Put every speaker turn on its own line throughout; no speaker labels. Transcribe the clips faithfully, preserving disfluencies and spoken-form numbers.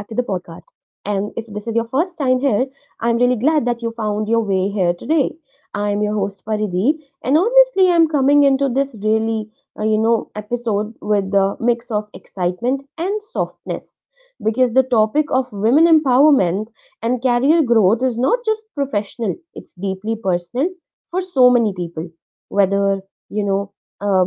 And if this is your first time here, I'm really glad that you found your way here today. I'm your host Paridhi, and honestly, I'm coming into this really, uh, you know, episode with the mix of excitement and softness because the topic of women empowerment and career growth is not just professional, it's deeply personal for so many people, whether, you know, uh,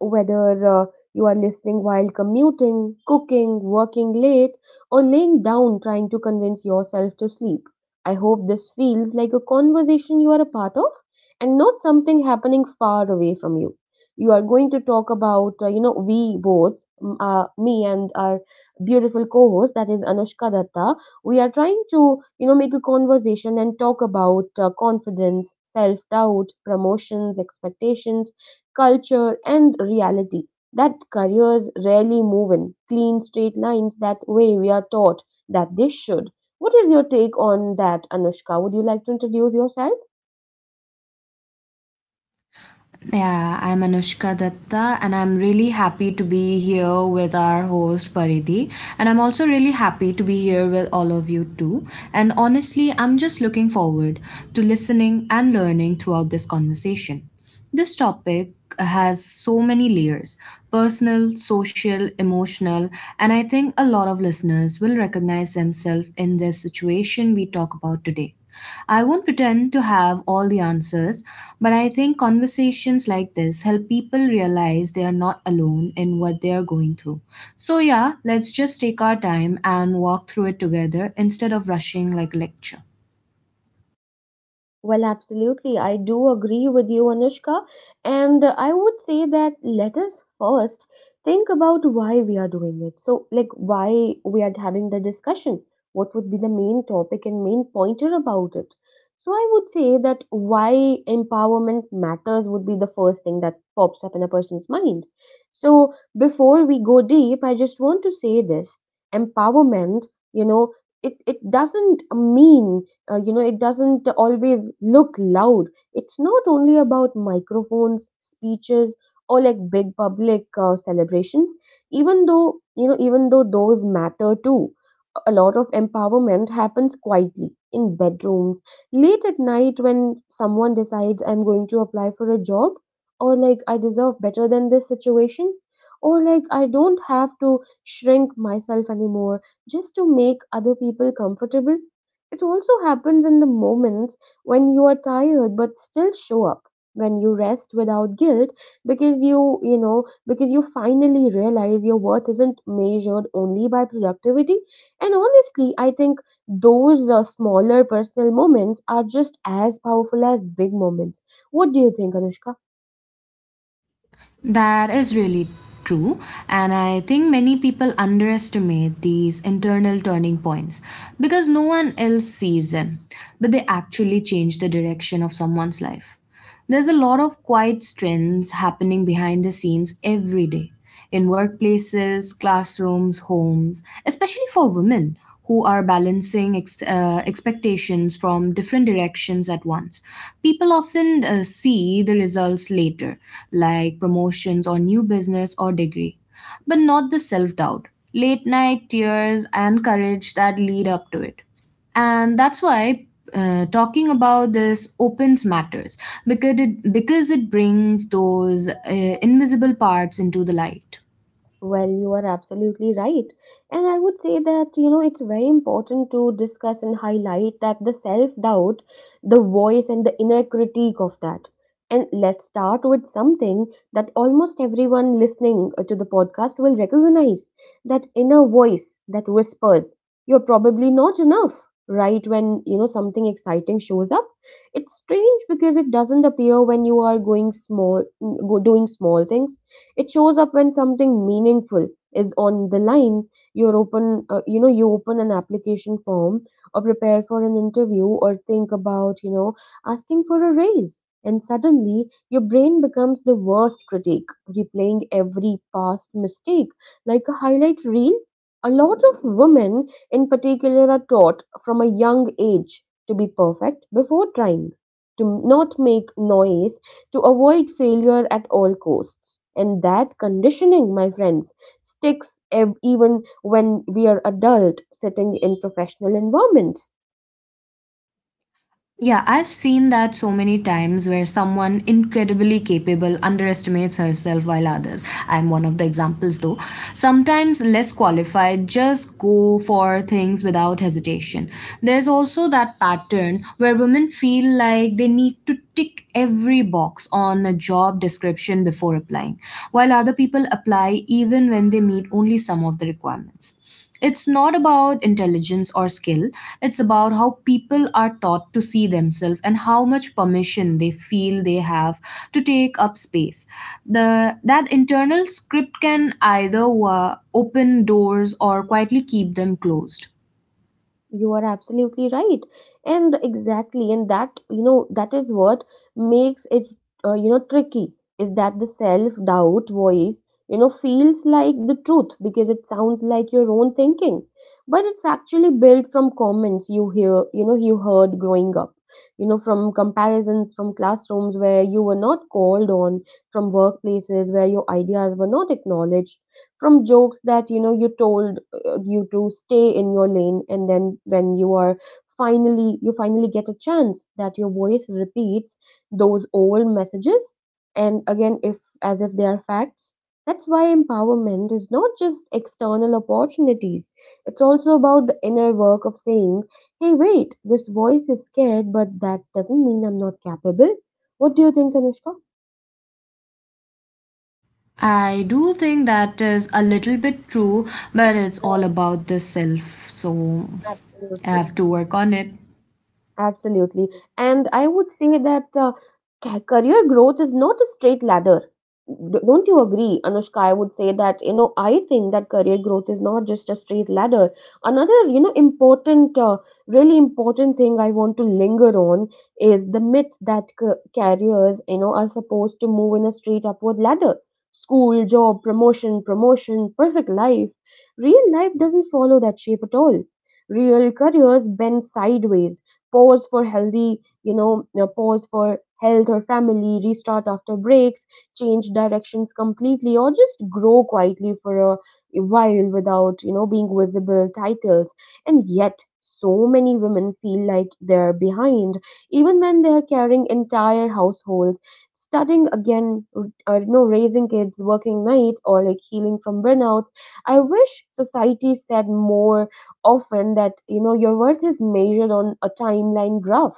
whether uh, you are listening while commuting, cooking, working late, or laying down trying to convince yourself to sleep. I hope this feels like a conversation you are a part of and not something happening far away from you. You are going to talk about, uh, you know, we both, mm, uh, me and our beautiful co-host, that is Anushka Datta. We are trying to you know make a conversation and talk about uh, confidence, self doubt, promotions, expectations, culture, and reality, that careers rarely move in clean straight lines that way we are taught that they should. What is your take on that, Anushka? Would you like to introduce yourself?
Yeah, I'm Anushka Datta, and I'm really happy to be here with our host Paridhi. And I'm also really happy to be here with all of you too. And honestly, I'm just looking forward to listening and learning throughout this conversation. This topic has so many layers: personal, social, emotional, and I think a lot of listeners will recognize themselves in this situation we talk about today. I won't pretend to have all the answers, but I think conversations like this help people realize they are not alone in what they are going through. So, yeah, let's just take our time and walk through it together instead of rushing like a lecture.
Well, absolutely. I do agree with you, Anushka. And uh, I would say that let us first think about why we are doing it. So, like, why we are having the discussion. What would be the main topic and main pointer about it? So, I would say that why empowerment matters would be the first thing that pops up in a person's mind. So, before we go deep, I just want to say this: empowerment, you know, it, it doesn't mean uh, you know it doesn't always look loud. It's not only about microphones, speeches, or like big public uh, celebrations, even though you know even though those matter too. A lot of empowerment happens quietly in bedrooms late at night when someone decides, I'm going to apply for a job, or like I deserve better than this situation, or like I don't have to shrink myself anymore just to make other people comfortable. It also happens in the moments when you are tired but still show up, when you rest without guilt because you, you know, because you finally realize your worth isn't measured only by productivity. And honestly, I think those uh, smaller personal moments are just as powerful as big moments. What do you think, Anushka?
That is really true, and I think many people underestimate these internal turning points because no one else sees them, but they actually change the direction of someone's life. There's a lot of quiet strengths happening behind the scenes every day, in workplaces, classrooms, homes, especially for women who are balancing ex- uh, expectations from different directions at once. People often uh, see the results later, like promotions or new business or degree, but not the self doubt, late night tears, and courage that lead up to it. And that's why uh, talking about this opens matters, because it because it brings those uh, invisible parts into the light.
Well, you are absolutely right. And I would say that, you know, it's very important to discuss and highlight that the self doubt, the voice, and the inner critique of that. And let's start with something that almost everyone listening uh, to the podcast will recognize: that inner voice that whispers, you're probably not enough, right? When, you know, something exciting shows up. It's strange because it doesn't appear when you are going small, mm, go- doing small things. It shows up when something meaningful is on the line. You're open, uh, you know, you open an application form or prepare for an interview or think about, you know, asking for a raise. And suddenly, your brain becomes the worst critic, replaying every past mistake like a highlight reel. A lot of women, in particular, are taught from a young age to be perfect before trying, to not make noise, to avoid failure at all costs. And that conditioning, my friends, sticks ev- even when we are adult sitting in professional environments.
Yeah, I've seen that so many times where someone incredibly capable underestimates herself while others. I'm one of the examples though. Sometimes less qualified just go for things without hesitation. There's also that pattern where women feel like they need to tick every box on a job description before applying, while other people apply even when they meet only some of the requirements. It's not about intelligence or skill, it's about how people are taught to see themselves and how much permission they feel they have to take up space. The that internal script can either uh, open doors or quietly keep them closed.
You are absolutely right. And exactly, and that, you know, that is what makes it, uh, you know, tricky, is that the self-doubt voice, you know, feels like the truth because it sounds like your own thinking. But it's actually built from comments you hear, you know, you heard growing up, you know, from comparisons, from classrooms where you were not called on, from workplaces where your ideas were not acknowledged, from jokes that, you know, you told you to stay in your lane. And then when you are finally you finally get a chance, that your voice repeats those old messages, and again, if as if they are facts. That's why empowerment is not just external opportunities, it's also about the inner work of saying, hey wait, this voice is scared, but that doesn't mean I'm not capable. What do you think, Anushka?
I do think that is a little bit true, but it's all
Right.
about the self, so I
Absolutely.
have to work on it.
Absolutely. And I would say that uh, ca- career growth is not a straight ladder. D- Don't you agree, Anushka? I would say that, you know, I think that career growth is not just a straight ladder. Another, you know, important, uh, really important thing I want to linger on is the myth that ca- careers, you know, are supposed to move in a straight upward ladder. School, job, promotion, promotion, perfect life. Real life doesn't follow that shape at all. Real careers bend sideways, pause for healthy, you know, uh, pause for health or family, restart after breaks, change directions completely, or just grow quietly for a while without, you know, being visible titles. And yet, so many women feel like they're behind, even when they're carrying entire households, studying again, uh, you know, raising kids, working nights, or like healing from burnouts. I wish society said more often that you know your worth is measured on a timeline graph.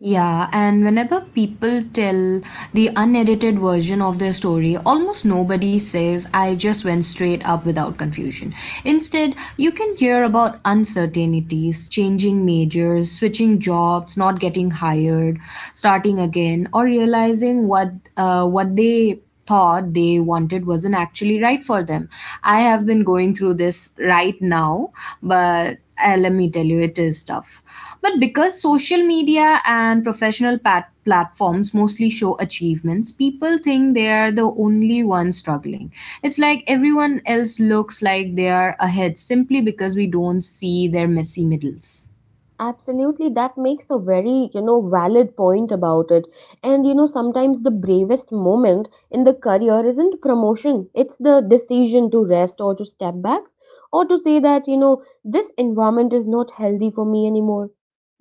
Yeah, and whenever people tell the unedited version of their story, almost nobody says, "I just went straight up without confusion." Instead, you can hear about uncertainties, changing majors, switching jobs, not getting hired, starting again, or realizing what uh, what they thought they wanted wasn't actually right for them. I have been going through this right now, but uh, let me tell you, it is tough. But because social media and professional pat- platforms mostly show achievements, people think they are the only ones struggling. It's like everyone else looks like they are ahead simply because we don't see their messy middles.
Absolutely, that makes a very, you know, valid point about it. And you know, sometimes the bravest moment in the career isn't promotion, it's the decision to rest or to step back or to say that, you know, this environment is not healthy for me anymore.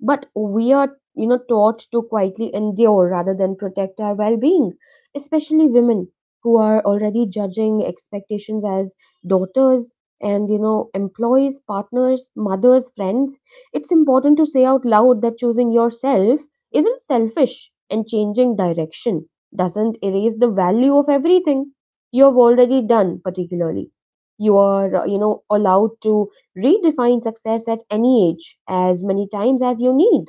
But we are, you know, taught to quietly endure rather than protect our well being, especially women who are already judging expectations as daughters and, you know, employees, partners, mothers, friends. It's important to say out loud that choosing yourself isn't selfish, and changing direction doesn't erase the value of everything you have already done, particularly. You are, uh, you know, allowed to redefine success at any age, as many times as you need.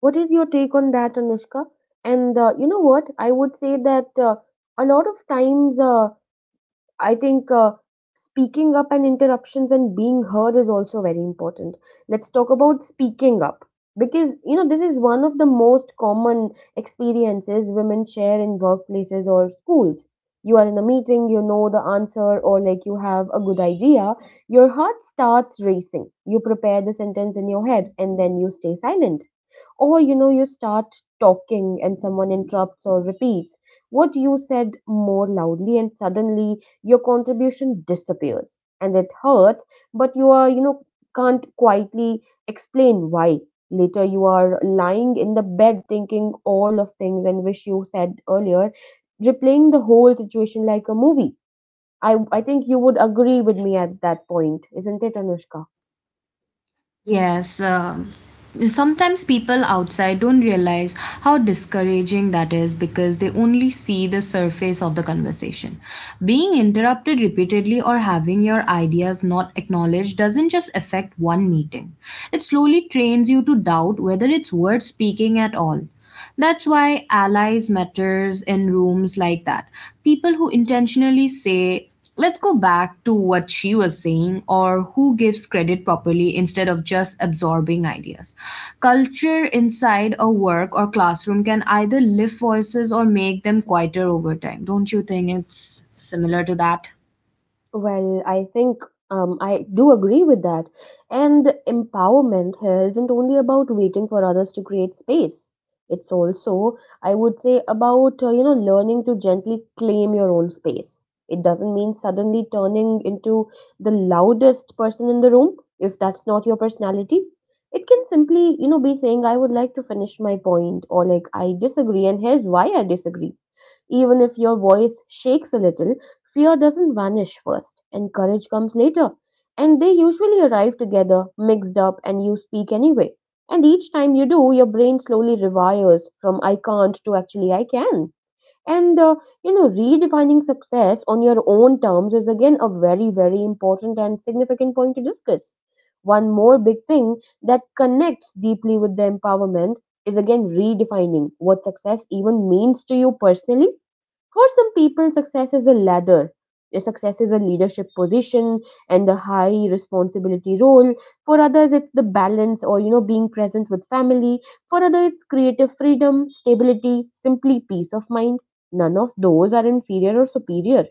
What is your take on that, Anushka? And uh, you know what? I would say that uh, a lot of times. Uh, I think uh, speaking up and interruptions and being heard is also very important. Let's talk about speaking up because you know this is one of the most common experiences women share in workplaces or schools. You are in a meeting, you know the answer, or like you have a good idea, your heart starts racing. You prepare the sentence in your head and then you stay silent, or you know you start talking and someone interrupts or repeats what you said more loudly, and suddenly your contribution disappears and it hurts. But you are you know can't quietly explain why. Later you are lying in the bed thinking all of things and wish you said earlier, replaying the whole situation like a movie. I i think you would agree with me at that point, isn't it, Anushka?
Yes, um, sometimes people outside don't realize how discouraging that is because they only see the surface of the conversation. Being interrupted repeatedly or having your ideas not acknowledged doesn't just affect one meeting, it slowly trains you to doubt whether it's worth speaking at all. That's why allies matters in rooms like that. People who intentionally say, "Let's go back to what she was saying," or who gives credit properly instead of just absorbing ideas. Culture inside a work or classroom can either lift voices or make them quieter over time. Don't you think it's similar to that?
Well, I think um, I do agree with that. And empowerment here isn't only about waiting for others to create space. It's also, I would say, about uh, you know learning to gently claim your own space. It doesn't mean suddenly turning into the loudest person in the room if that's not your personality. It can simply, you know, be saying, "I would like to finish my point," or like, "I disagree, and here's why I disagree." Even if your voice shakes a little, fear doesn't vanish first, and courage comes later. And they usually arrive together, mixed up, and you speak anyway. And each time you do, your brain slowly rewires from I can't to actually I can. And uh, you know, redefining success on your own terms is again a very, very important and significant point to discuss. One more big thing that connects deeply with the empowerment is again redefining what success even means to you personally. For some people, success is a ladder. Their success is a leadership position and a high responsibility role. For others, it's the balance or, you know, being present with family. For others, it's creative freedom, stability, simply peace of mind. None of those are inferior or superior.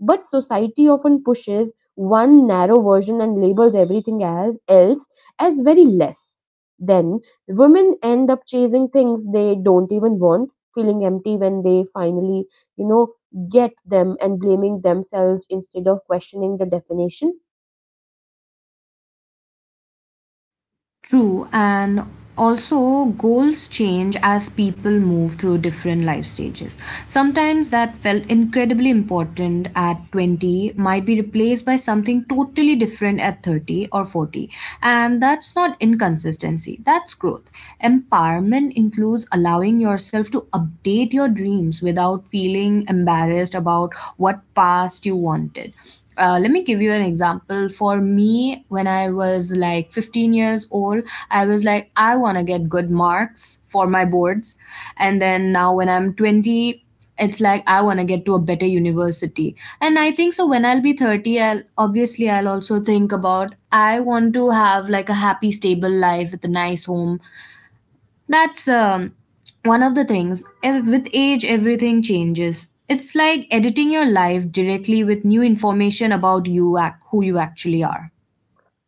But society often pushes one narrow version and labels everything as else as very less. Then women end up chasing things they don't even want, feeling empty when they finally you know get them, and blaming themselves instead of questioning the definition.
True, and also goals change as people move through different life stages. Sometimes that felt incredibly important at twenty might be replaced by something totally different at thirty or forty. And that's not inconsistency, that's growth. Empowerment includes allowing yourself to update your dreams without feeling embarrassed about what past you wanted. Uh, let me give you an example. For me, when I was like fifteen years old, I was like, I want to get good marks for my boards. And then now when I'm twenty, it's like I want to get to a better university. And I think so when I'll be thirty, I'll obviously, I'll also think about, I want to have like a happy stable life with a nice home. That's um, one of the things. Ev- With age, everything changes. It's like editing your life directly with new information about you, ac- who you actually are.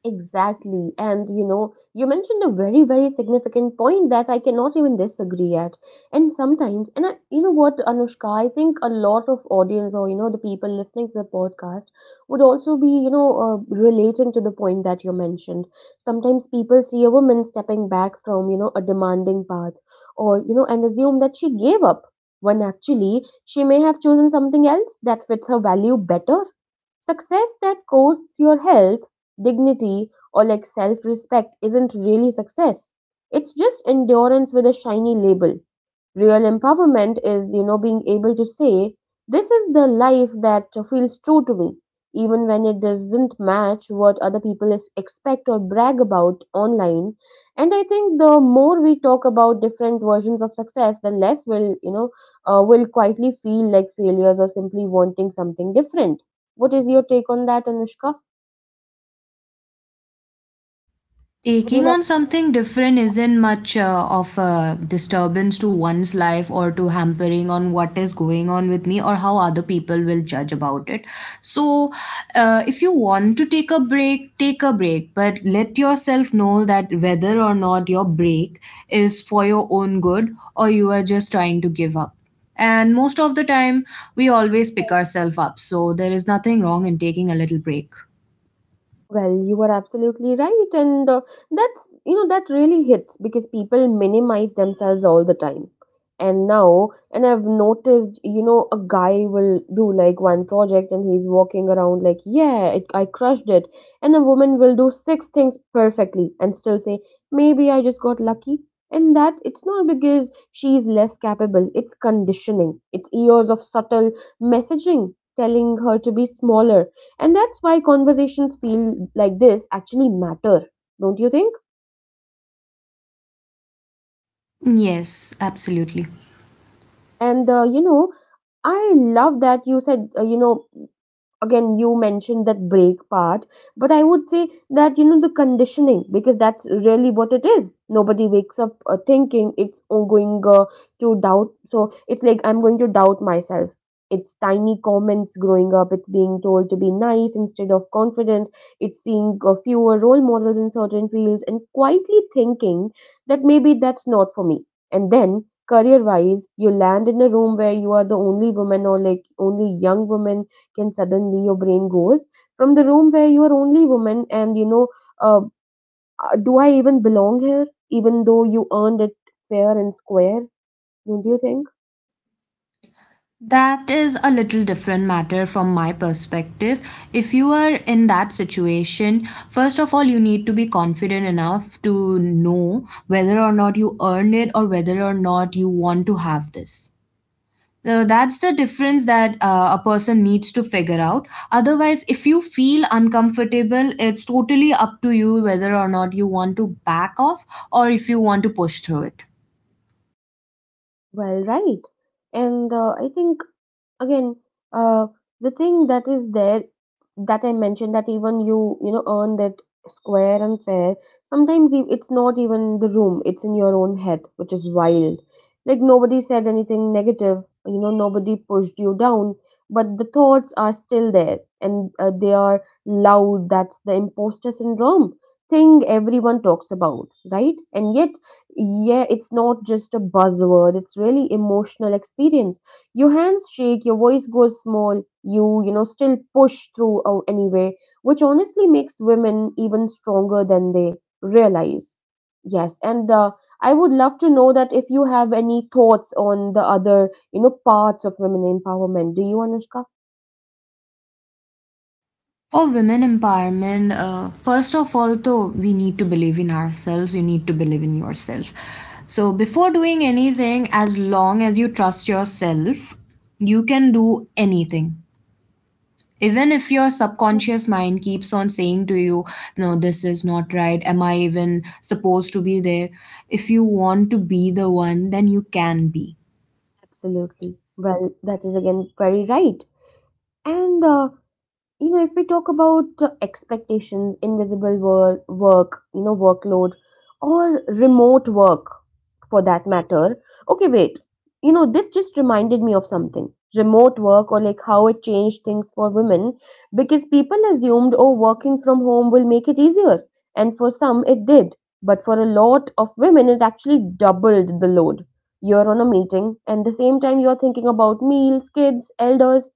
Exactly. And you know, you mentioned a very, very significant point that I cannot even disagree at. And sometimes, and I, you know what, Anushka, I think a lot of audience or, you know, the people listening to the podcast would also be, you know, uh, relating to the point that you mentioned. Sometimes people see a woman stepping back from, you know, a demanding path or, you know, and assume that she gave up when actually she may have chosen something else that fits her value better. Success that costs your health dignity or like self respect isn't really success. It's just endurance with a shiny label. Real empowerment is, you know, being able to say, this is the life that feels true to me, even when it doesn't match what other people is- expect or brag about online. And I think the more we talk about different versions of success, the less will, you know, uh, will quietly feel like failures or simply wanting something different. What is your take on that, Anushka? Would you
Taking
like?
on something different isn't much uh, of a disturbance to one's life or to hampering on what is going on with me or how other people will judge about it. So uh, if you want to take a break, take a break, but let yourself know that whether or not your break is for your own good or you are just trying to give up. And most of the time, we always pick ourselves up, so there is nothing wrong in taking a little break.
Well, you are absolutely right, and uh, that's you know that really hits because people minimize themselves all the time. And now, and I've noticed, you know, a guy will do like one project and he's walking around like, yeah, it, I crushed it. And a woman will do six things perfectly and still say, maybe I just got lucky. And that it's not because she's less capable, it's conditioning, it's years of subtle messaging telling her to be smaller, and that's why conversations feel like this actually matter, don't you think?
Yes, absolutely.
And uh, you know, I love that you said, uh, you know, again you mentioned that break part, but I would say that you know the conditioning, because that's really what it is. Nobody wakes up uh, thinking it's all going uh, to doubt. So it's like I'm going to doubt myself. It's tiny comments growing up, it's being told to be nice instead of confident, it's seeing uh, fewer role models in certain fields and quietly thinking that maybe that's not for me. And then career wise you land in a room where you are the only woman or like only young woman. Can suddenly your brain goes from the room where you are only woman, and you know uh, uh, do I even belong here, even though you earned it fair and square? Don't you think?
That is a little different matter from my perspective. If you are in that situation, first of all, you need to be confident enough to know whether or not you earned it or whether or not you want to have this. So that's the difference that uh, a person needs to figure out. Otherwise, if you feel uncomfortable, it's totally up to you whether or not you want to back off or if you want to push through it.
Well, right. And uh, I think, again, uh, the thing that is there that I mentioned, that even you, you know, earn that square and fair, sometimes e- it's not even the room, it's in your own head, which is wild. Like nobody said anything negative, you know, nobody pushed you down, but the thoughts are still there, and uh, they are loud. That's the imposter syndrome thing everyone talks about, right? And yet, yeah, it's not just a buzzword, it's really emotional experience. Your hands shake, your voice goes small, you you know still push through uh, anyway, which honestly makes women even stronger than they realize. Yes, and uh, I would love to know that if you have any thoughts on the other, you know, parts of women empowerment, do you, Anushka?
Oh, women empowerment. Uh, first of all, though, we need to believe in ourselves. You need to believe in yourself. So, before doing anything, as long as you trust yourself, you can do anything. Even if your
Yeah,
subconscious mind keeps on saying to you, "No, this is not right. Am I even supposed to be there?" If you want to be the one, then you can be.
absolutely, well that is again very right. And uh, you know, if we talk about uh, expectations, invisible wor- work, you know, workload, or remote work, for that matter. Okay wait, you know this just reminded me of something. Remote work, or like how it changed things for women. Because people assumed, oh, working from home will make it easier. And for some it did, but for a lot of women it actually doubled the load. You're on a meeting and the same time you're thinking about meals, kids, elders,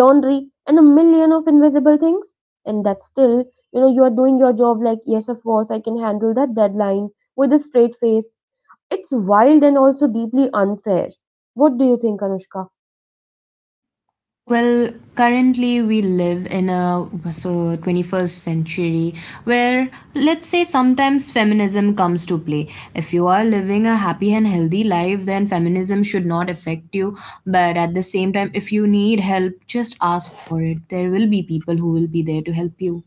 laundry and a million of invisible things. And that still, you know, you are doing your job, like, yes of course I can handle that deadline with a straight face. It's wild and also deeply unfair. What do you think, Anushka?
Well, currently we live in a so twenty-first century where, let's say, sometimes feminism comes to play. If you are living a happy and healthy life, then feminism should not affect you. But at the same time, if you need help, just ask for it. There will be people who will be there to help you.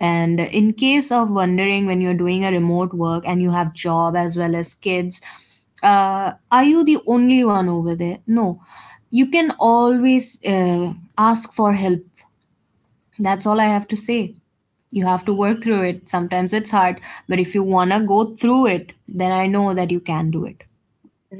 And in case of wondering when you're doing a remote work and you have job as well as kids, uh, are you the only one over there? No, you can always uh, ask for help. That's all I have to say. You have to work through it. Sometimes it's hard, but if you wanna go through it, then I know that you can do it.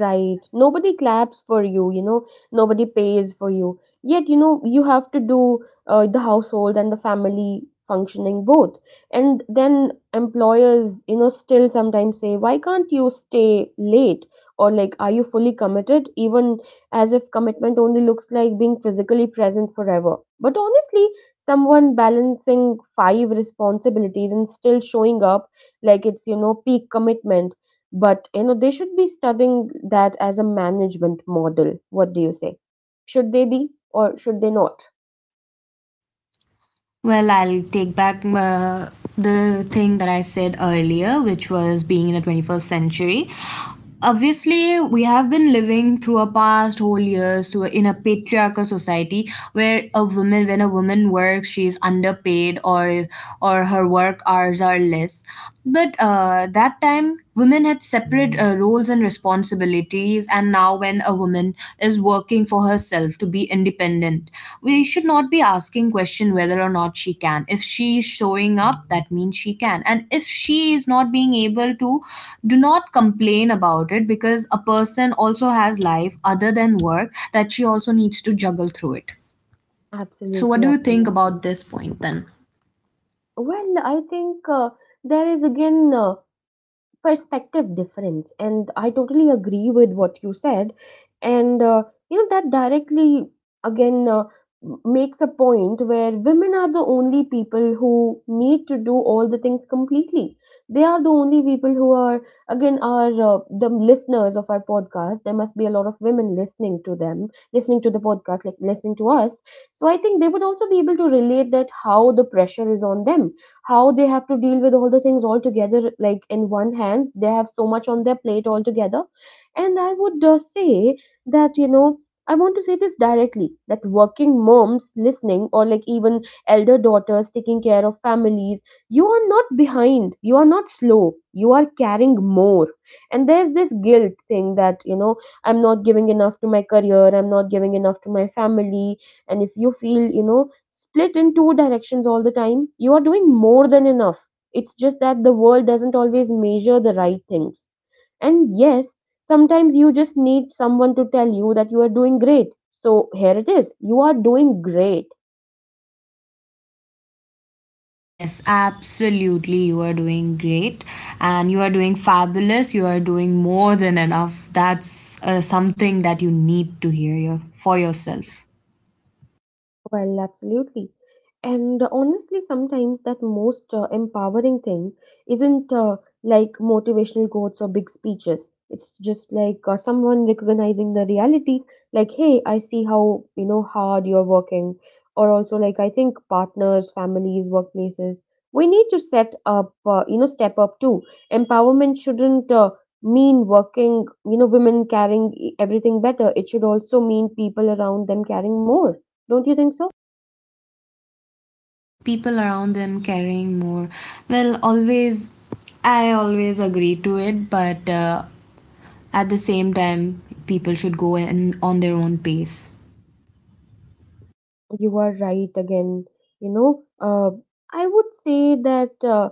Right. Nobody claps for you, you know, nobody pays for you. Yet, you know, you have to do uh, the household and the family functioning both. And then employers, you know, still sometimes say, why can't you stay late? Or like, are you fully committed? Even as if commitment only looks like being physically present forever. But honestly, someone balancing five responsibilities and still showing up, like it's, you know, peak commitment. But you know they should be studying that as a management model. What do you say, should they be or should they not?
Well, I'll take back uh, the thing that I said earlier, which was being in the twenty-first century. Obviously, we have been living through our past whole years to in a patriarchal society where a woman, when a woman works, she is underpaid or or her work hours are less. But uh, that time, women had separate uh, roles and responsibilities, and now, when a woman is working for herself to be independent, we should not be asking question whether or not she can. If she is showing up, that means she can, and if she is not being able to, do not complain about it because a person also has life other than work that she also needs to juggle through it. So, what
Absolutely,
do you think
absolutely.
about this point then?
Well I think uh, there is again uh, perspective difference, and I totally agree with what you said. And uh, you know, that directly, again uh, m- makes a point where women are the only people who need to do all the things completely. They are the only people who are, again, are uh, the listeners of our podcast. There must be a lot of women listening to them, listening to the podcast, like listening to us. So I think they would also be able to relate that how the pressure is on them, how they have to deal with all the things all together, like in one hand they have so much on their plate altogether. And I would uh, say that, you know, I want to say this directly that working moms listening, or like even elder daughters taking care of families, you are not behind, you are not slow, you are carrying more. And there's this guilt thing that, you know, I'm not giving enough to my career, I'm not giving enough to my family. And if you feel, you know, split in two directions all the time, you are doing more than enough. It's just that the world doesn't always measure the right things. And yes, sometimes you just need someone to tell you that you are doing great. So here it is. You are doing great.
Yes, absolutely. You are doing great and you are doing fabulous. You are doing more than enough. That's uh, something that you need to hear your, for yourself.
Well, absolutely. And honestly, sometimes that most uh, empowering thing isn't uh, like motivational quotes or big speeches. It's just like uh, someone recognizing the reality, like, hey, I see how, you know, hard you're working. Or also, like, I think partners, families, workplaces, we need to set up, uh, you know, step up too. Empowerment shouldn't uh, mean working, you know, women carrying e- everything better. It should also mean people around them carrying more. Don't you think so?
People around them carrying more. Well, always, I always agree to it, but uh, at the same time, people should go in, on their own pace.
You are right again. You know, uh, I would say that uh,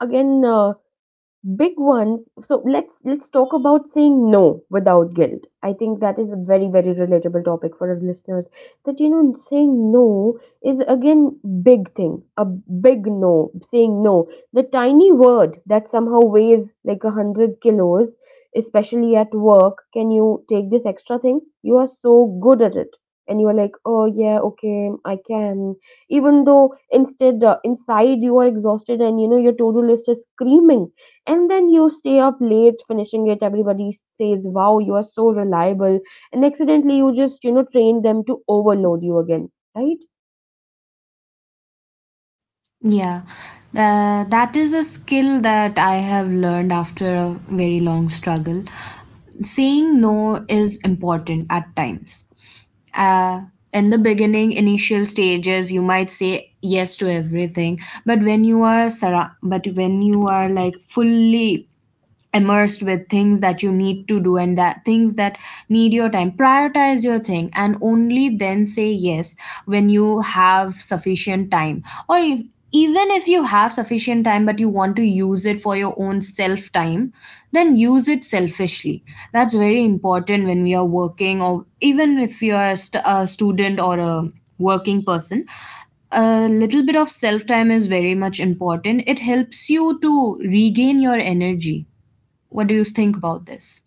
again. Uh, big ones. So let's let's talk about saying no without guilt. I think that is a very, very relatable topic for our listeners. That, you know, saying no is again big thing, a big no. Saying no, the tiny word that somehow weighs like a hundred kilos, especially at work. Can you take this extra thing, you are so good at it? And you are like, oh yeah okay I can, even though instead uh, inside you are exhausted and you know your to-do list is screaming. And then you stay up late finishing it, everybody s- says wow you are so reliable, and accidentally you just, you know, train them to overload you again, right?
Yeah, uh, that is a skill that I have learned after a very long struggle. Saying no is important at times. Uh, in the beginning, initial stages, you might say yes to everything, but when you are surra- but when you are like fully immersed with things that you need to do and that things that need your time, prioritize your thing and only then say yes when you have sufficient time. Or if, even if you have sufficient time but you want to use it for your own self time, then use it selfishly. That's very important when we are working or even if you are a, st- a student or a working person. A little bit of self time is very much important, it helps you to regain your energy. What do you think about this?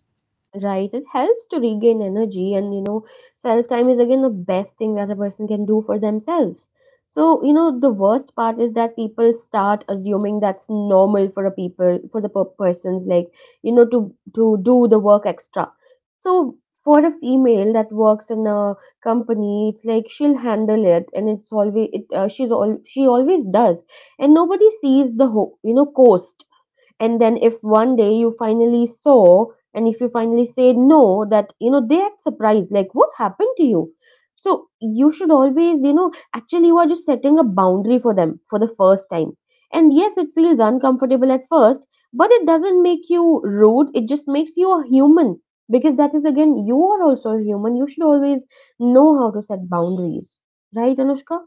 Right, it helps to regain energy, and you know, self time is again the best thing that a person can do for themselves. So, you know, the worst part is that people start assuming that's normal for a people for the per- persons like, you know, to to do the work extra. So, for a female that works in a company, it's like she'll handle it, and it's always it uh, she's all she always does, and nobody sees the ho- you know cost. And then if one day you finally saw, and if you finally say no, that you know they act surprised like what happened to you. So you should always, you know, actually you are just setting a boundary for them for the first time. And yes it feels uncomfortable at first, but it doesn't make you rude, it just makes you a human. Because that is again, you are also a human, you should always know how to set boundaries, right Anushka?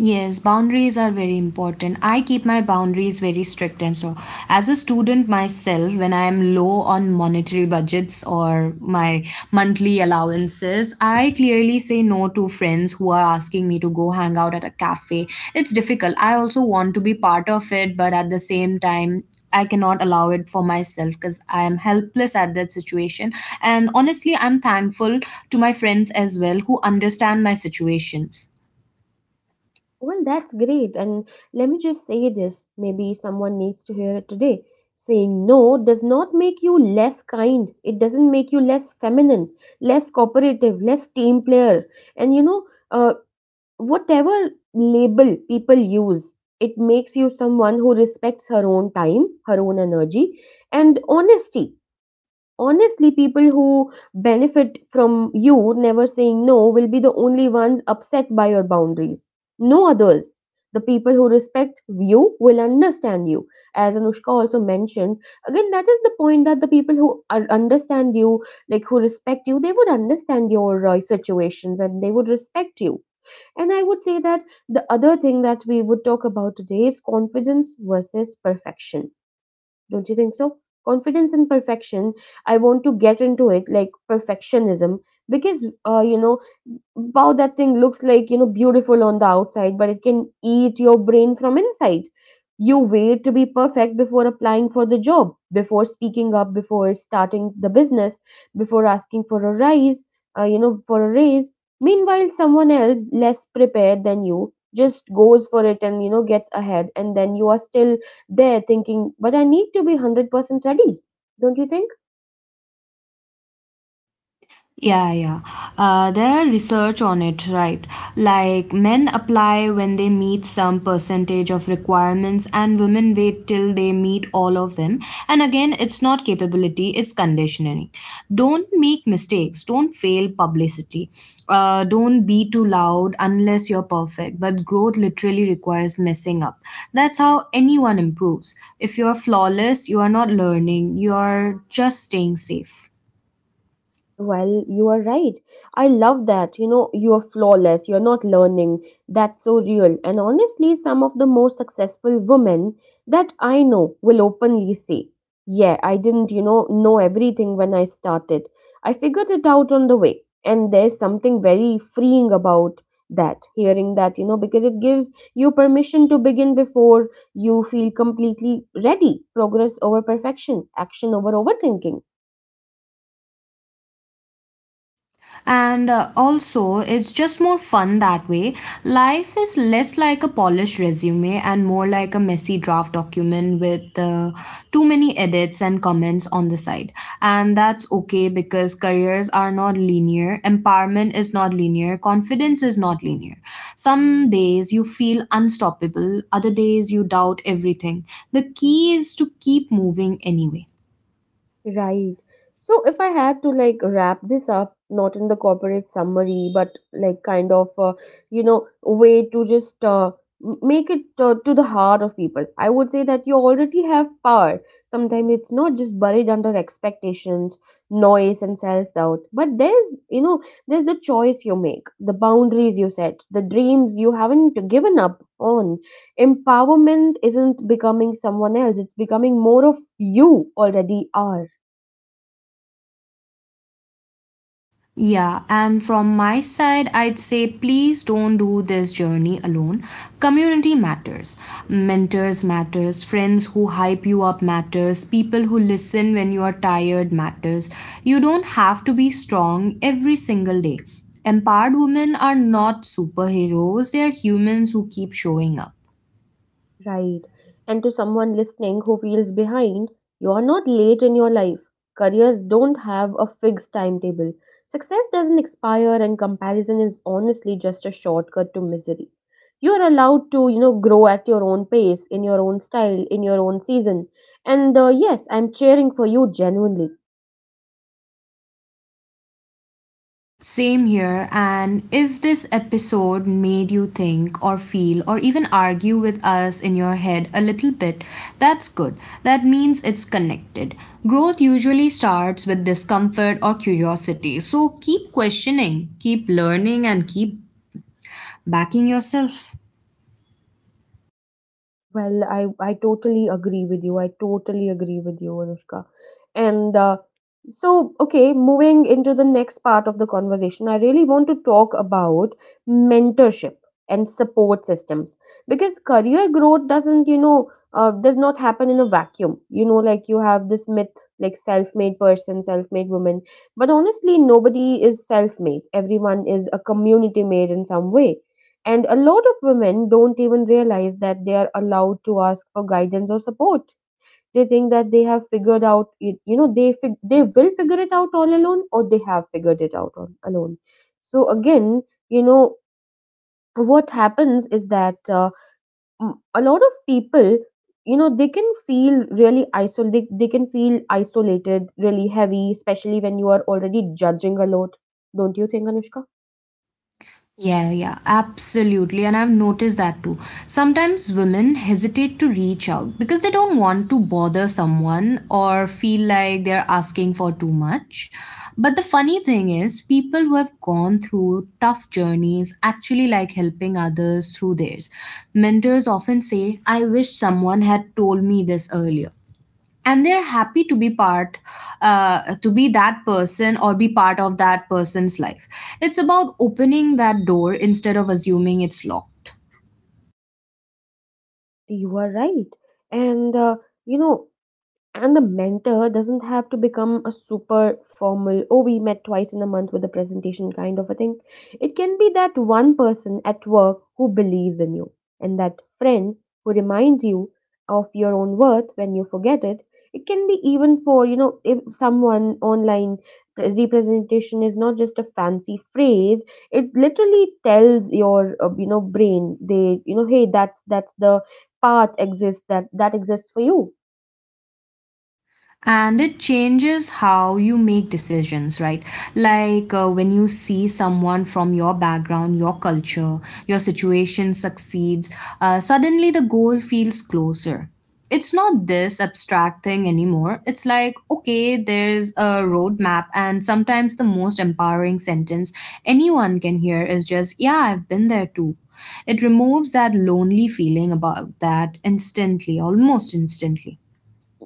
Yes, boundaries are very important. I keep my boundaries very strict and so as a student myself, when I am low on monetary budgets or my monthly allowances, I clearly say no to friends who are asking me to go hang out at a cafe. It's difficult. I also want to be part of it, but at the same time, I cannot allow it for myself because I am helpless at that situation. And honestly, I'm thankful to my friends as well who understand my situations.
Well, that's great. And let me just say this, maybe someone needs to hear it today. Saying no does not make you less kind. It doesn't make you less feminine, less cooperative, less team player. And you know, uh, whatever label people use, it makes you someone who respects her own time, her own energy, and honesty honestly people who benefit from you never saying no will be the only ones upset by your boundaries. No others. The people who respect you will understand you. As Anushka also mentioned, again that is the point that the people who are, understand you, like who respect you, they would understand your uh, situations and they would respect you. And I would say that the other thing that we would talk about today is confidence versus perfection. Don't you think so? Confidence and perfection. I want to get into it, like perfectionism, because, uh, you know, wow, that thing looks like, you know, beautiful on the outside, but it can eat your brain from inside. You wait to be perfect before applying for the job, before speaking up, before starting the business, before asking for a rise, uh, you know, for a raise. Meanwhile, someone else less prepared than you just goes for it and, you know, gets ahead, and then you are still there thinking, but I need to be one hundred percent ready, don't you think?
Yeah, yeah. Uh, there are research on it, right? Like men apply when they meet some percentage of requirements, and women wait till they meet all of them. And again, it's not capability, it's conditioning. Don't make mistakes, don't fail publicity, uh, don't be too loud unless you're perfect. But growth literally requires messing up. That's how anyone improves. If you're flawless, you are not learning, you're just staying safe.
Well, you are right. I love that. You know, you are flawless. You're not learning. That's so real. And honestly, some of the most successful women that I know will openly say, Yeah, I didn't, you know, know everything when I started. I figured it out on the way. And there's something very freeing about that, hearing that, you know, because it gives you permission to begin before you feel completely ready. Progress over perfection, action over overthinking.
and uh, also it's just more fun that way. Life is less like a polished resume and more like a messy draft document with uh, too many edits and comments on the side, and that's okay because careers are not linear, empowerment is not linear, confidence is not linear. Some days you feel unstoppable, other days you doubt everything. The key is to keep moving anyway.
Right. So if I had to like wrap this up, not in the corporate summary, but like kind of, uh, you know, way to just uh, m- make it uh, to the heart of people, I would say that you already have power. Sometimes it's not just buried under expectations, noise, and self doubt, but there's, you know, there's the choice you make, the boundaries you set, the dreams you haven't given up on. Empowerment isn't becoming someone else, it's becoming more of you already are.
Yeah, and from my side, I'd say please don't do this journey alone. Community matters, mentors matters, friends who hype you up matters, people who listen when you are tired matters. You don't have to be strong every single day. Empowered women are not superheroes, they are humans who keep showing up.
Right. And to someone listening who feels behind, you are not late in your life. Careers don't have a fixed timetable. Success doesn't expire, and comparison is honestly just a shortcut to misery. You are allowed to, you know, grow at your own pace, in your own style, in your own season. And uh, yes, I'm cheering for you genuinely.
Same here. And if this episode made you think or feel or even argue with us in your head a little bit, that's good. That means it's connected. Growth usually starts with discomfort or curiosity. So keep questioning, keep learning, and keep backing yourself.
Well, I, I totally agree with you. I totally agree with you, Anushka. And uh, so, okay, moving into the next part of the conversation, I really want to talk about mentorship and support systems, because career growth doesn't, you know, uh, does not happen in a vacuum. You know, like you have this myth like self made person, self made woman. But honestly, nobody is self made, everyone is a community made in some way, and a lot of women don't even realize that they are allowed to ask for guidance or support. They think that they have figured out it, you know, they fig- they will figure it out all alone, or they have figured it out on, alone. So again, you know, what happens is that uh, m- a lot of people, you know, they can feel really isol They, they can feel isolated, really heavy, especially when you are already judging a lot. Don't you think, Anushka?
Yeah, yeah, absolutely. And I've noticed that too. Sometimes women hesitate to reach out because they don't want to bother someone or feel like they're asking for too much. But the funny thing is, people who have gone through tough journeys actually like helping others through theirs. Mentors often say, I wish someone had told me this earlier, and they're happy to be part, uh, to be that person or be part of that person's life. It's about opening that door instead of assuming it's locked.
You are right. And uh, you know and the mentor doesn't have to become a super formal, oh, we met twice in a month with a presentation kind of a thing. It can be that one person at work who believes in you, and that friend who reminds you of your own worth when you forget it. It can be, even for, you know, if someone online, pre- representation is not just a fancy phrase. It literally tells your uh, you know brain, they you know hey, that's that's the path exists, that that exists for you.
And it changes how you make decisions, right? Like uh, when you see someone from your background, your culture, your situation succeeds, uh, suddenly the goal feels closer. It's not this abstract thing anymore. It's like, okay, there's a roadmap. And sometimes the most empowering sentence anyone can hear is just, yeah, I've been there too. It removes that lonely feeling about that instantly, almost instantly.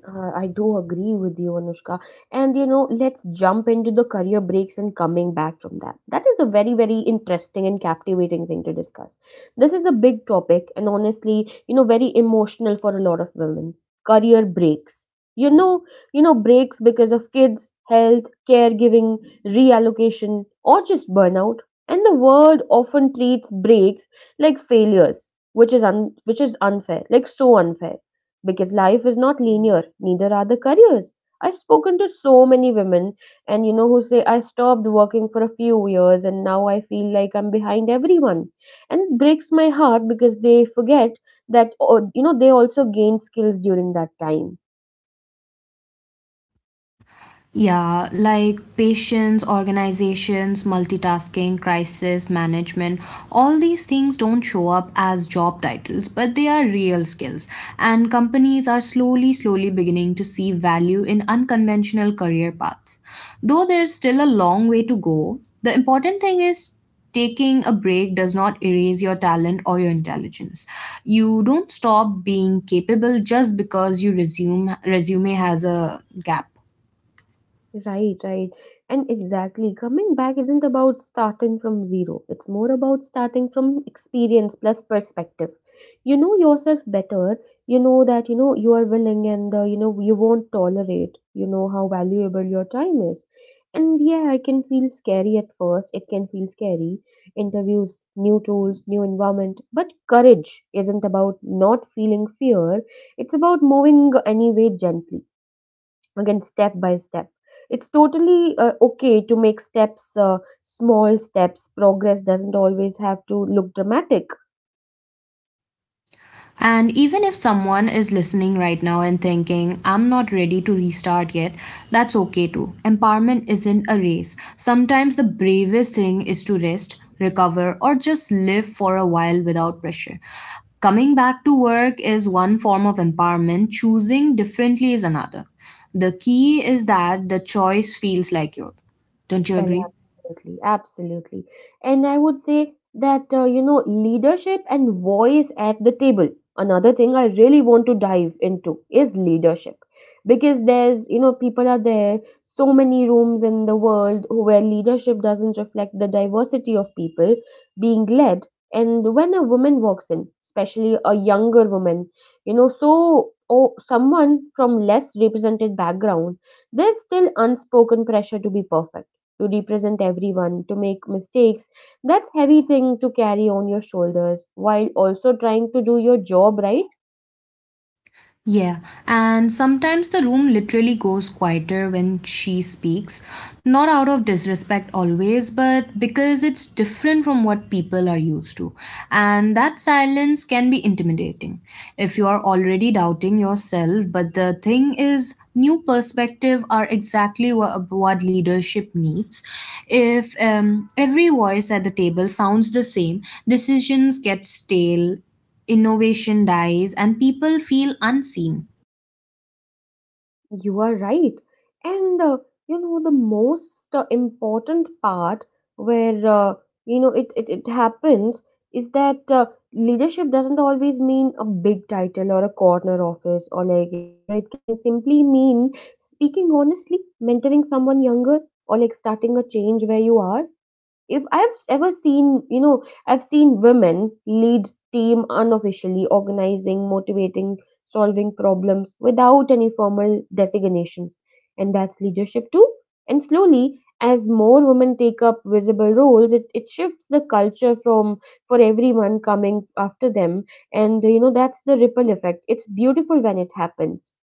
Uh, I do agree with you, Anushka. And you know, let's jump into the career breaks and coming back from that. That is a very, very interesting and captivating thing to discuss. This is a big topic and, honestly, you know, very emotional for a lot of women. Career breaks. You know, you know, breaks because of kids, health, caregiving, reallocation, or just burnout. And the world often treats breaks like failures, which is un- which is unfair, like so unfair, because life is not linear. Neither are the careers. I've spoken to so many women, and you know who say, I stopped working for a few years, and now I feel like I'm behind everyone. And it breaks my heart because they forget that oh, you know they also gain skills during that time.
Yeah, like patience, organizations, multitasking, crisis management, all these things don't show up as job titles, but they are real skills. And companies are slowly, slowly beginning to see value in unconventional career paths. Though there's still a long way to go, the important thing is taking a break does not erase your talent or your intelligence. You don't stop being capable just because your resume resume has a gap.
Right, right. And exactly, coming back isn't about starting from zero. It's more about starting from experience plus perspective. You know yourself better. You know that, you know, you are willing, and, uh, you know, you won't tolerate. You know how valuable your time is. And yeah, it can feel scary at first. It can feel scary. Interviews, new tools, new environment. But courage isn't about not feeling fear. It's about moving anyway, gently, again, step by step. It's totally uh, okay to make steps uh, small steps. Progress doesn't always have to look dramatic.
And even if someone is listening right now and thinking, I'm not ready to restart yet, that's okay too. Empowerment isn't a race. Sometimes the bravest thing is to rest, recover, or just live for a while without pressure. Coming back to work is one form of empowerment, choosing differently is another. The key is that the choice feels like yours. Don't you
Well,
agree?
absolutely, absolutely. And I would say that, uh, you know, leadership and voice at the table. Another thing I really want to dive into is leadership. Because there's, you know, people are there, so many rooms in the world where leadership doesn't reflect the diversity of people being led. And when a woman walks in, especially a younger woman, you know, so oh, someone from less represented background, there's still unspoken pressure to be perfect, to represent everyone, to make mistakes. That's heavy thing to carry on your shoulders while also trying to do your job right.
Yeah, and sometimes the room literally goes quieter when she speaks. Not out of disrespect always, but because it's different from what people are used to. And that silence can be intimidating if you are already doubting yourself. But the thing is, new perspective are exactly what, what leadership needs. If um, every voice at the table sounds the same, decisions get stale, innovation dies, and people feel unseen.
You are right. And uh, you know, the most uh, important part where uh, you know it, it, it happens is that uh, leadership doesn't always mean a big title or a corner office, or, like, you know it can simply mean speaking honestly, mentoring someone younger, or like starting a change where you are. If i've ever seen you know i've seen women lead team, unofficially organizing, motivating, solving problems without any formal designations. And that's leadership too. And slowly, as more women take up visible roles, it, it shifts the culture from for everyone coming after them. And you know that's the ripple effect. It's beautiful when it happens.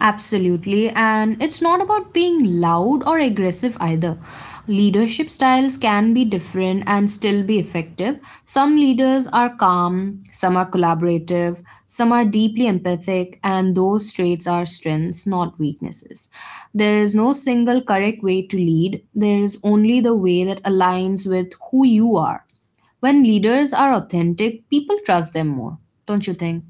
Absolutely, and it's not about being loud or aggressive either. Leadership styles can be different and still be effective. Some leaders are calm, some are collaborative, some are deeply empathic, and those traits are strengths, not weaknesses. There is no single correct way to lead, there is only the way that aligns with who you are. When leaders are authentic, people trust them more, don't you think?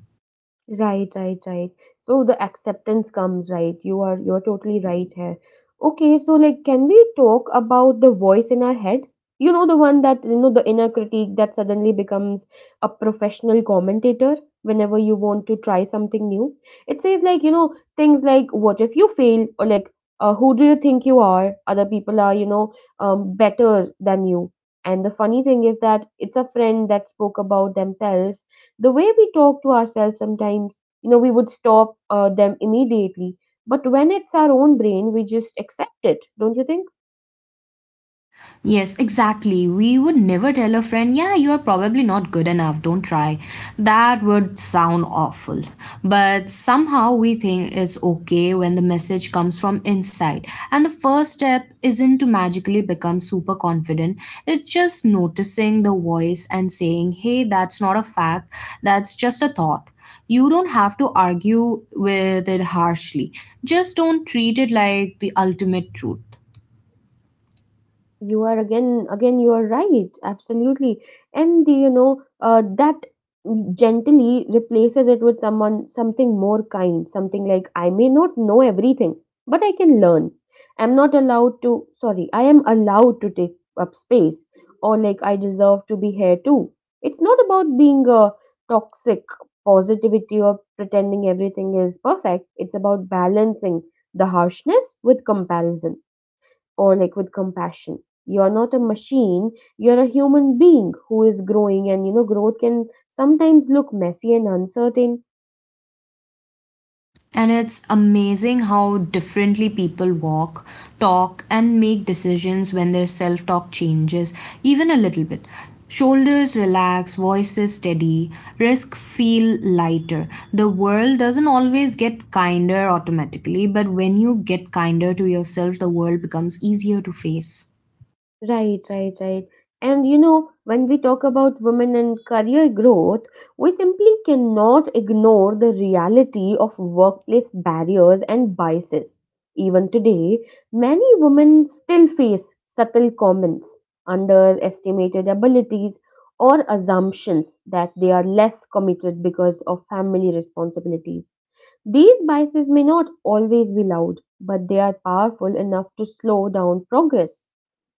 Right, right, right. So the acceptance comes, right. You are you're totally right here. Okay, so like, can we talk about the voice in our head? You know the one, that you know the inner critique that suddenly becomes a professional commentator whenever you want to try something new. It says, like, you know, things like, what if you fail, or like, uh, who do you think you are? Other people are, you know, um, better than you. And the funny thing is that, it's a friend that spoke about themselves the way we talk to ourselves sometimes, you know we would stop uh, them immediately. But when it's our own brain, we just accept it. Don't you think?
Yes, exactly. We would never tell a friend, yeah, you are probably not good enough, don't try. That would sound awful. But somehow we think it's okay when the message comes from inside. And the first step isn't to magically become super confident, it's just noticing the voice and saying, hey, that's not a fact, that's just a thought. You don't have to argue with it harshly. Just don't treat it like the ultimate truth.
You are, again, again, you are right, absolutely. And you know uh, that gently replaces it with someone something more kind, something like, I may not know everything, but I can learn. I'm not allowed to, sorry, I am allowed to take up space, or like, I deserve to be here too. It's not about being a toxic positivity or pretending everything is perfect. It's about balancing the harshness with comparison, or like, with compassion. You're not a machine, you're a human being who is growing. And you know growth can sometimes look messy and uncertain.
And it's amazing how differently people walk, talk, and make decisions when their self talk changes, even a little bit. Shoulders relax, voices steady, risk feel lighter. The world doesn't always get kinder automatically, but when you get kinder to yourself, the world becomes easier to face.
Right, right, right. And you know, when we talk about women and career growth, we simply cannot ignore the reality of workplace barriers and biases. Even today, many women still face subtle comments, underestimated abilities, or assumptions that they are less committed because of family responsibilities. These biases may not always be loud, but they are powerful enough to slow down progress.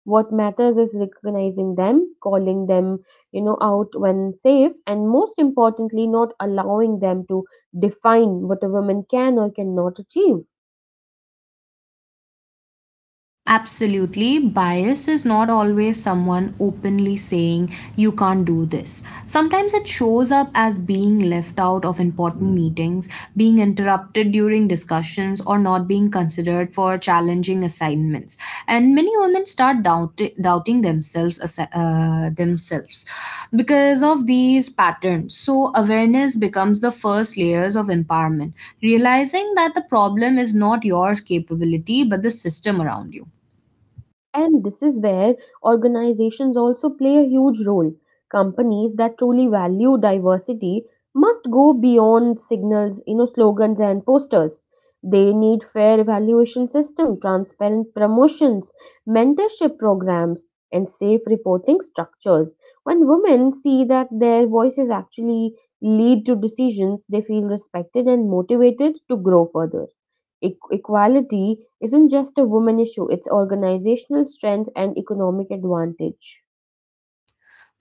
What matters is recognizing them, calling them you know out when safe, and most importantly, not allowing them to define what a woman can or cannot achieve.
Absolutely. Bias is not always someone openly saying, you can't do this. Sometimes it shows up as being left out of important meetings, being interrupted during discussions, or not being considered for challenging assignments. And many women start doubt- doubting themselves, as- uh, themselves because of these patterns. So, awareness becomes the first layers of empowerment, realizing that the problem is not your capability but the system around you.
And this is where organizations also play a huge role. Companies that truly value diversity must go beyond signals, you know, slogans and posters. They need fair evaluation system, transparent promotions, mentorship programs, and safe reporting structures. When women see that their voices actually lead to decisions, they feel respected and motivated to grow further. Equ- equality isn't just a woman issue, it's organizational strength and economic advantage.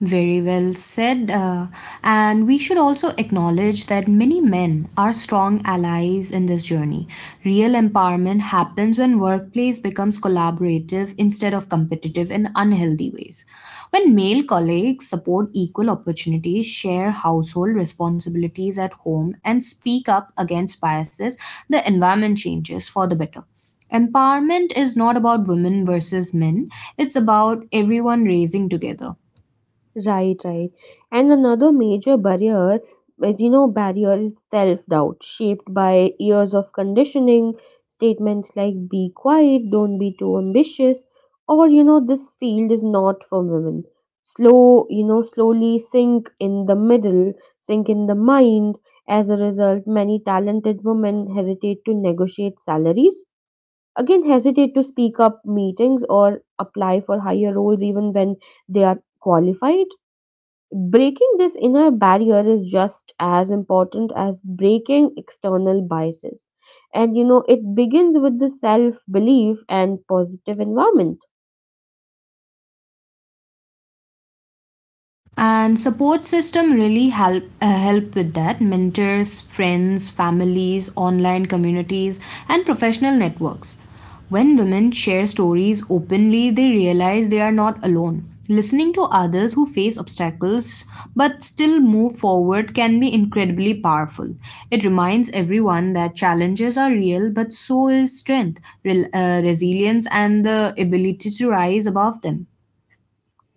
Very well said. Uh, and we should also acknowledge that many men are strong allies in this journey. Real empowerment happens when workplace becomes collaborative instead of competitive in unhealthy ways. When male colleagues support equal opportunities, share household responsibilities at home, and speak up against biases, the environment changes for the better. Empowerment is not about women versus men, it's about everyone raising together.
Right, right. And another major barrier, as you know, barrier is self doubt, shaped by years of conditioning. Statements like, be quiet, don't be too ambitious, or you know, this field is not for women. Slow, you know, slowly sink in the middle, sink in the mind. As a result, many talented women hesitate to negotiate salaries, again hesitate to speak up meetings, or apply for higher roles even when they are qualified. Breaking this inner barrier is just as important as breaking external biases. And you know it begins with the self belief and positive environment.
And support system really help uh, help with that, mentors, friends, families, online communities, and professional networks. When women share stories openly, they realize they are not alone. Listening to others who face obstacles but still move forward can be incredibly powerful. It reminds everyone that challenges are real, but so is strength, rel- uh, resilience, and the ability to rise above them.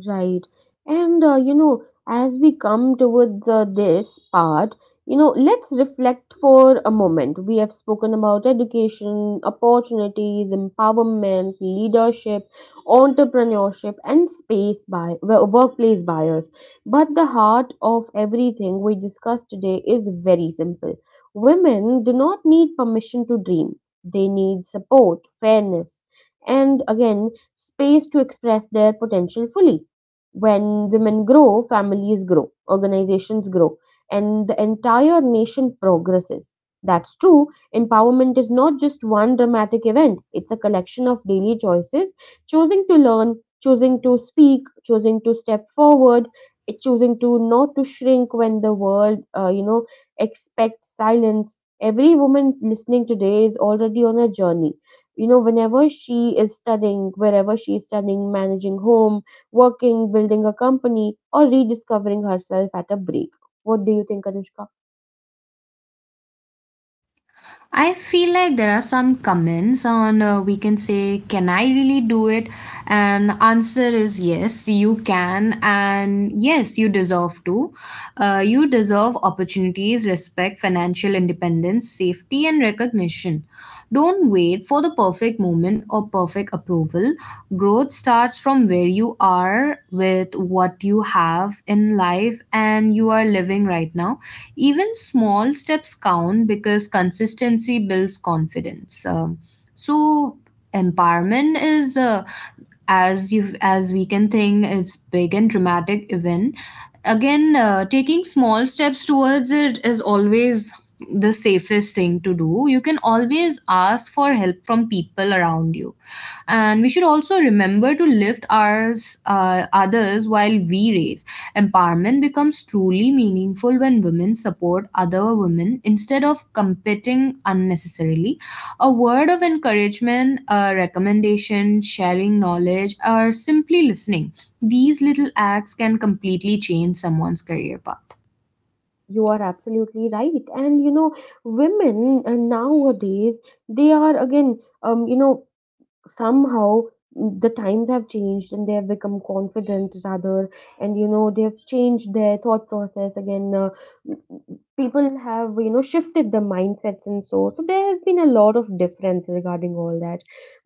Right. And, uh, you know, as we come towards uh, this part, you know, let's reflect for a moment. We have spoken about education, opportunities, empowerment, leadership, entrepreneurship, and space by wo- workplace bias. But the heart of everything we discussed today is very simple. Women do not need permission to dream. They need support, fairness, and again, space to express their potential fully. When women grow, families grow, organizations grow, and the entire nation progresses. That's true. Empowerment is not just one dramatic event, it's a collection of daily choices, choosing to learn, choosing to speak, choosing to step forward, eh, choosing to not to shrink when the world, uh, you know, expects silence. Every woman listening today is already on a journey, you know, whenever she is studying, wherever she is studying, managing home, working, building a company, or rediscovering herself at a break. What do you think, Anushka?
I feel like there are some comments on, uh, we can say, can I really do it? And answer is yes, you can, and yes, you deserve to. Uh, you deserve opportunities, respect, financial independence, safety, and recognition. Don't wait for the perfect moment or perfect approval. Growth starts from where you are with what you have have in life, and you are living right now. Even small steps count because consistency builds confidence. Um, so empowerment is uh, as you as we can think, it's big and dramatic event. Again uh, Taking small steps towards it is always the safest thing to do. You can always ask for help from people around you. And we should also remember to lift ours, uh, others while we raise. Empowerment becomes truly meaningful when women support other women instead of competing unnecessarily. A word of encouragement, a recommendation, sharing knowledge, or simply listening. These little acts can completely change someone's career path.
You are absolutely right. And you know, women uh, nowadays, they are, again, um, you know, somehow, mm, the times have changed and they have become confident rather, and you know they have changed their thought process. Again, uh, people have, you know, shifted their mindsets, and so so there has been a lot of difference regarding all that.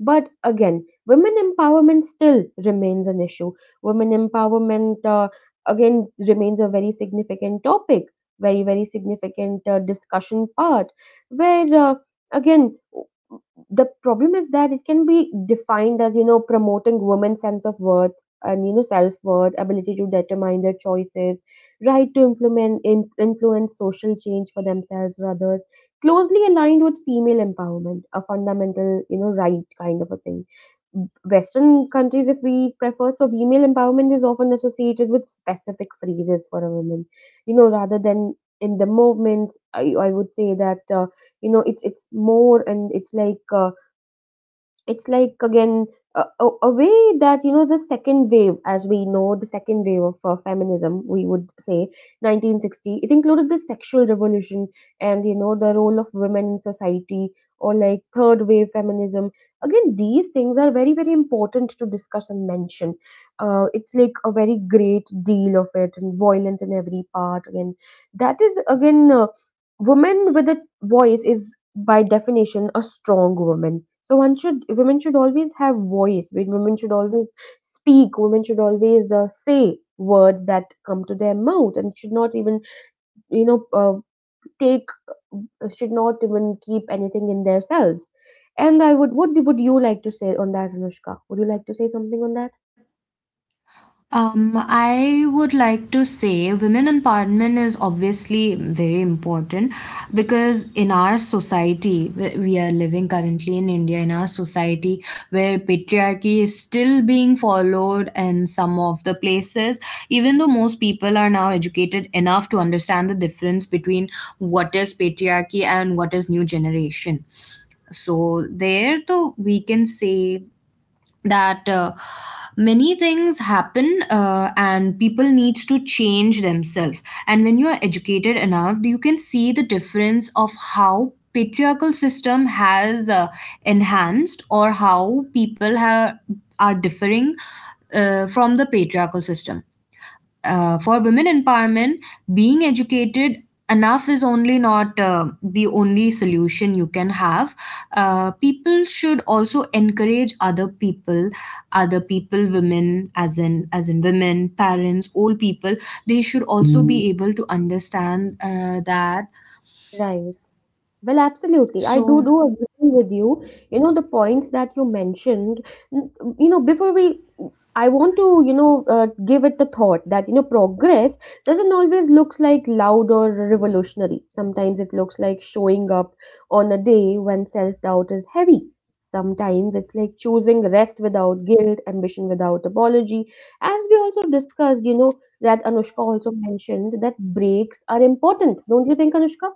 But again, women empowerment still remains an issue. Women empowerment, uh, again, remains a very significant topic, very very significant uh, discussion part, where, uh, again, the problem is that it can be defined as, you know, promoting women's sense of worth and, you know, self-worth, ability to determine their choices, right to implement in, influence social change for themselves or others, closely aligned with female empowerment, a fundamental, you know, right kind of a thing. Western countries, if we prefer, so female empowerment is often associated with specific phrases for a woman, you know, rather than in the movements. i, I would say that, uh, you know, it's it's more, and it's like, uh, it's like, again, a, a a way that, you know, the second wave, as we know, the second wave of uh, feminism, we would say nineteen sixty, it included the sexual revolution and, you know, the role of women in society, or like third wave feminism. Again, these things are very very important to discuss and mention. Uh, it's like a very great deal of it, and violence in every part. Again, that is, again, uh, women with a voice is by definition a strong woman. So one should women should always have voice, women should always speak, women should always uh, say words that come to their mouth and should not even, you know uh, take uh, should not even keep anything in themselves. And I would what would you like to say on that, Anushka? Would you like to say something on that?
Um, I would like to say women empowerment is obviously very important because in our society, wh- we are living currently in India, in our society where patriarchy is still being followed in some of the places, even though most people are now educated enough to understand the difference between what is patriarchy and what is new generation. So, there, though, we can say that uh, many things happen, uh, and people needs to change themselves, and when you are educated enough you can see the difference of how patriarchal system has uh, enhanced, or how people have are differing uh, from the patriarchal system. Uh, for women empowerment, being educated enough is only not uh, the only solution you can have. Uh, people should also encourage other people, other people, women, as in, as in women, parents, old people. They should also be able to understand uh, that.
Right. Well, absolutely. I do
So
do agree with you. You know, the points that you mentioned, n- you know, before we, I want to, you know, uh, give it the thought that, you know, progress doesn't always looks like loud or revolutionary. Sometimes it looks like showing up on a day when self-doubt is heavy. Sometimes it's like choosing rest without guilt, ambition without apology. As we also discussed, you know, that Anushka also mentioned that breaks are important. Don't you think, Anushka?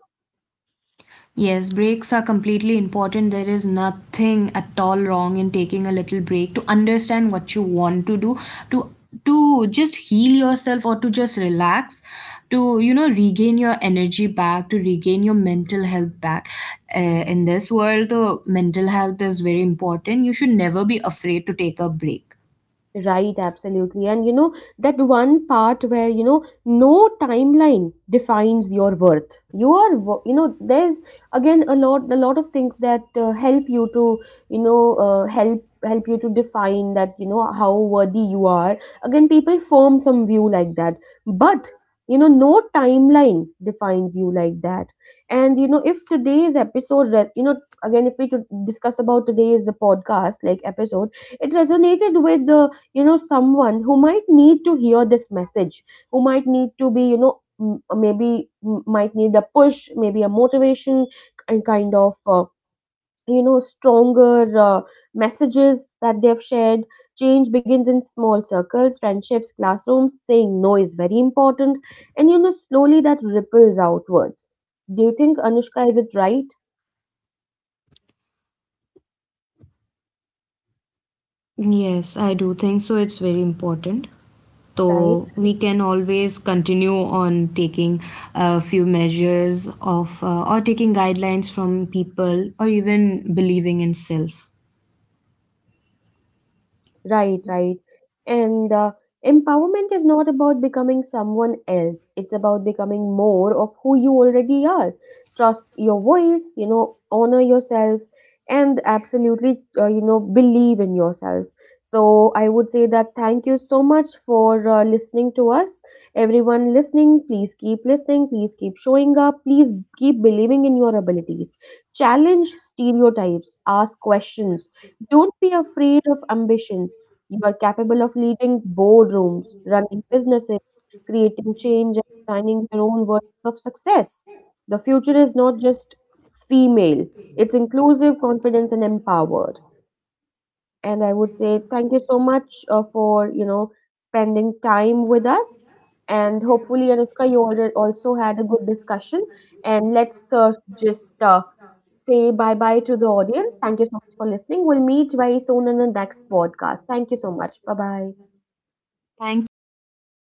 yes, breaks are completely important. There is nothing at all wrong in taking a little break to understand what you want to do, to to just heal yourself or to just relax, to you know regain your energy back, to regain your mental health back. Uh, in this world, the mental health is very important. You should never be afraid to take a break.
Right, absolutely. And you know, that one part where, you know, no timeline defines your worth. You are, wo- you know, there's again a lot, a lot of things that uh, help you to, you know, uh, help help you to define that, you know, how worthy you are. Again, people form some view like that. But, you know, no timeline defines you like that. And, you know, if today's episode, re- you know, again, if we to discuss about today's podcast, like episode, it resonated with the, you know, someone who might need to hear this message, who might need to be, you know, m- maybe m- might need a push, maybe a motivation, and kind of, uh, you know, stronger, uh, messages that they've shared. Change begins in small circles, friendships, classrooms, saying no is very important, and you know slowly that ripples outwards. Do you think, Anushka, is it right?
Yes, I do think so. It's very important.
Right.
So we can always continue on taking a few measures of, uh, or taking guidelines from people, or even believing in self.
Right, right. And uh, empowerment is not about becoming someone else. It's about becoming more of who you already are. Trust your voice, you know, honor yourself, and absolutely, uh, you know, believe in yourself. So I would say that thank you so much for uh, listening to us. Everyone listening, please keep listening, please keep showing up, please keep believing in your abilities. Challenge stereotypes, ask questions, don't be afraid of ambitions. You are capable of leading boardrooms, running businesses, creating change, and designing your own version of success. The future is not just female, it's inclusive, confident, and empowered. And I would say thank you so much uh, for, you know, spending time with us. And hopefully, Anushka, you alre- also had a good discussion. And let's uh, just uh, say bye bye to the audience. Thank you so much for listening. We'll meet very soon in the next podcast. Thank you so much. Bye bye.
Thank you so much.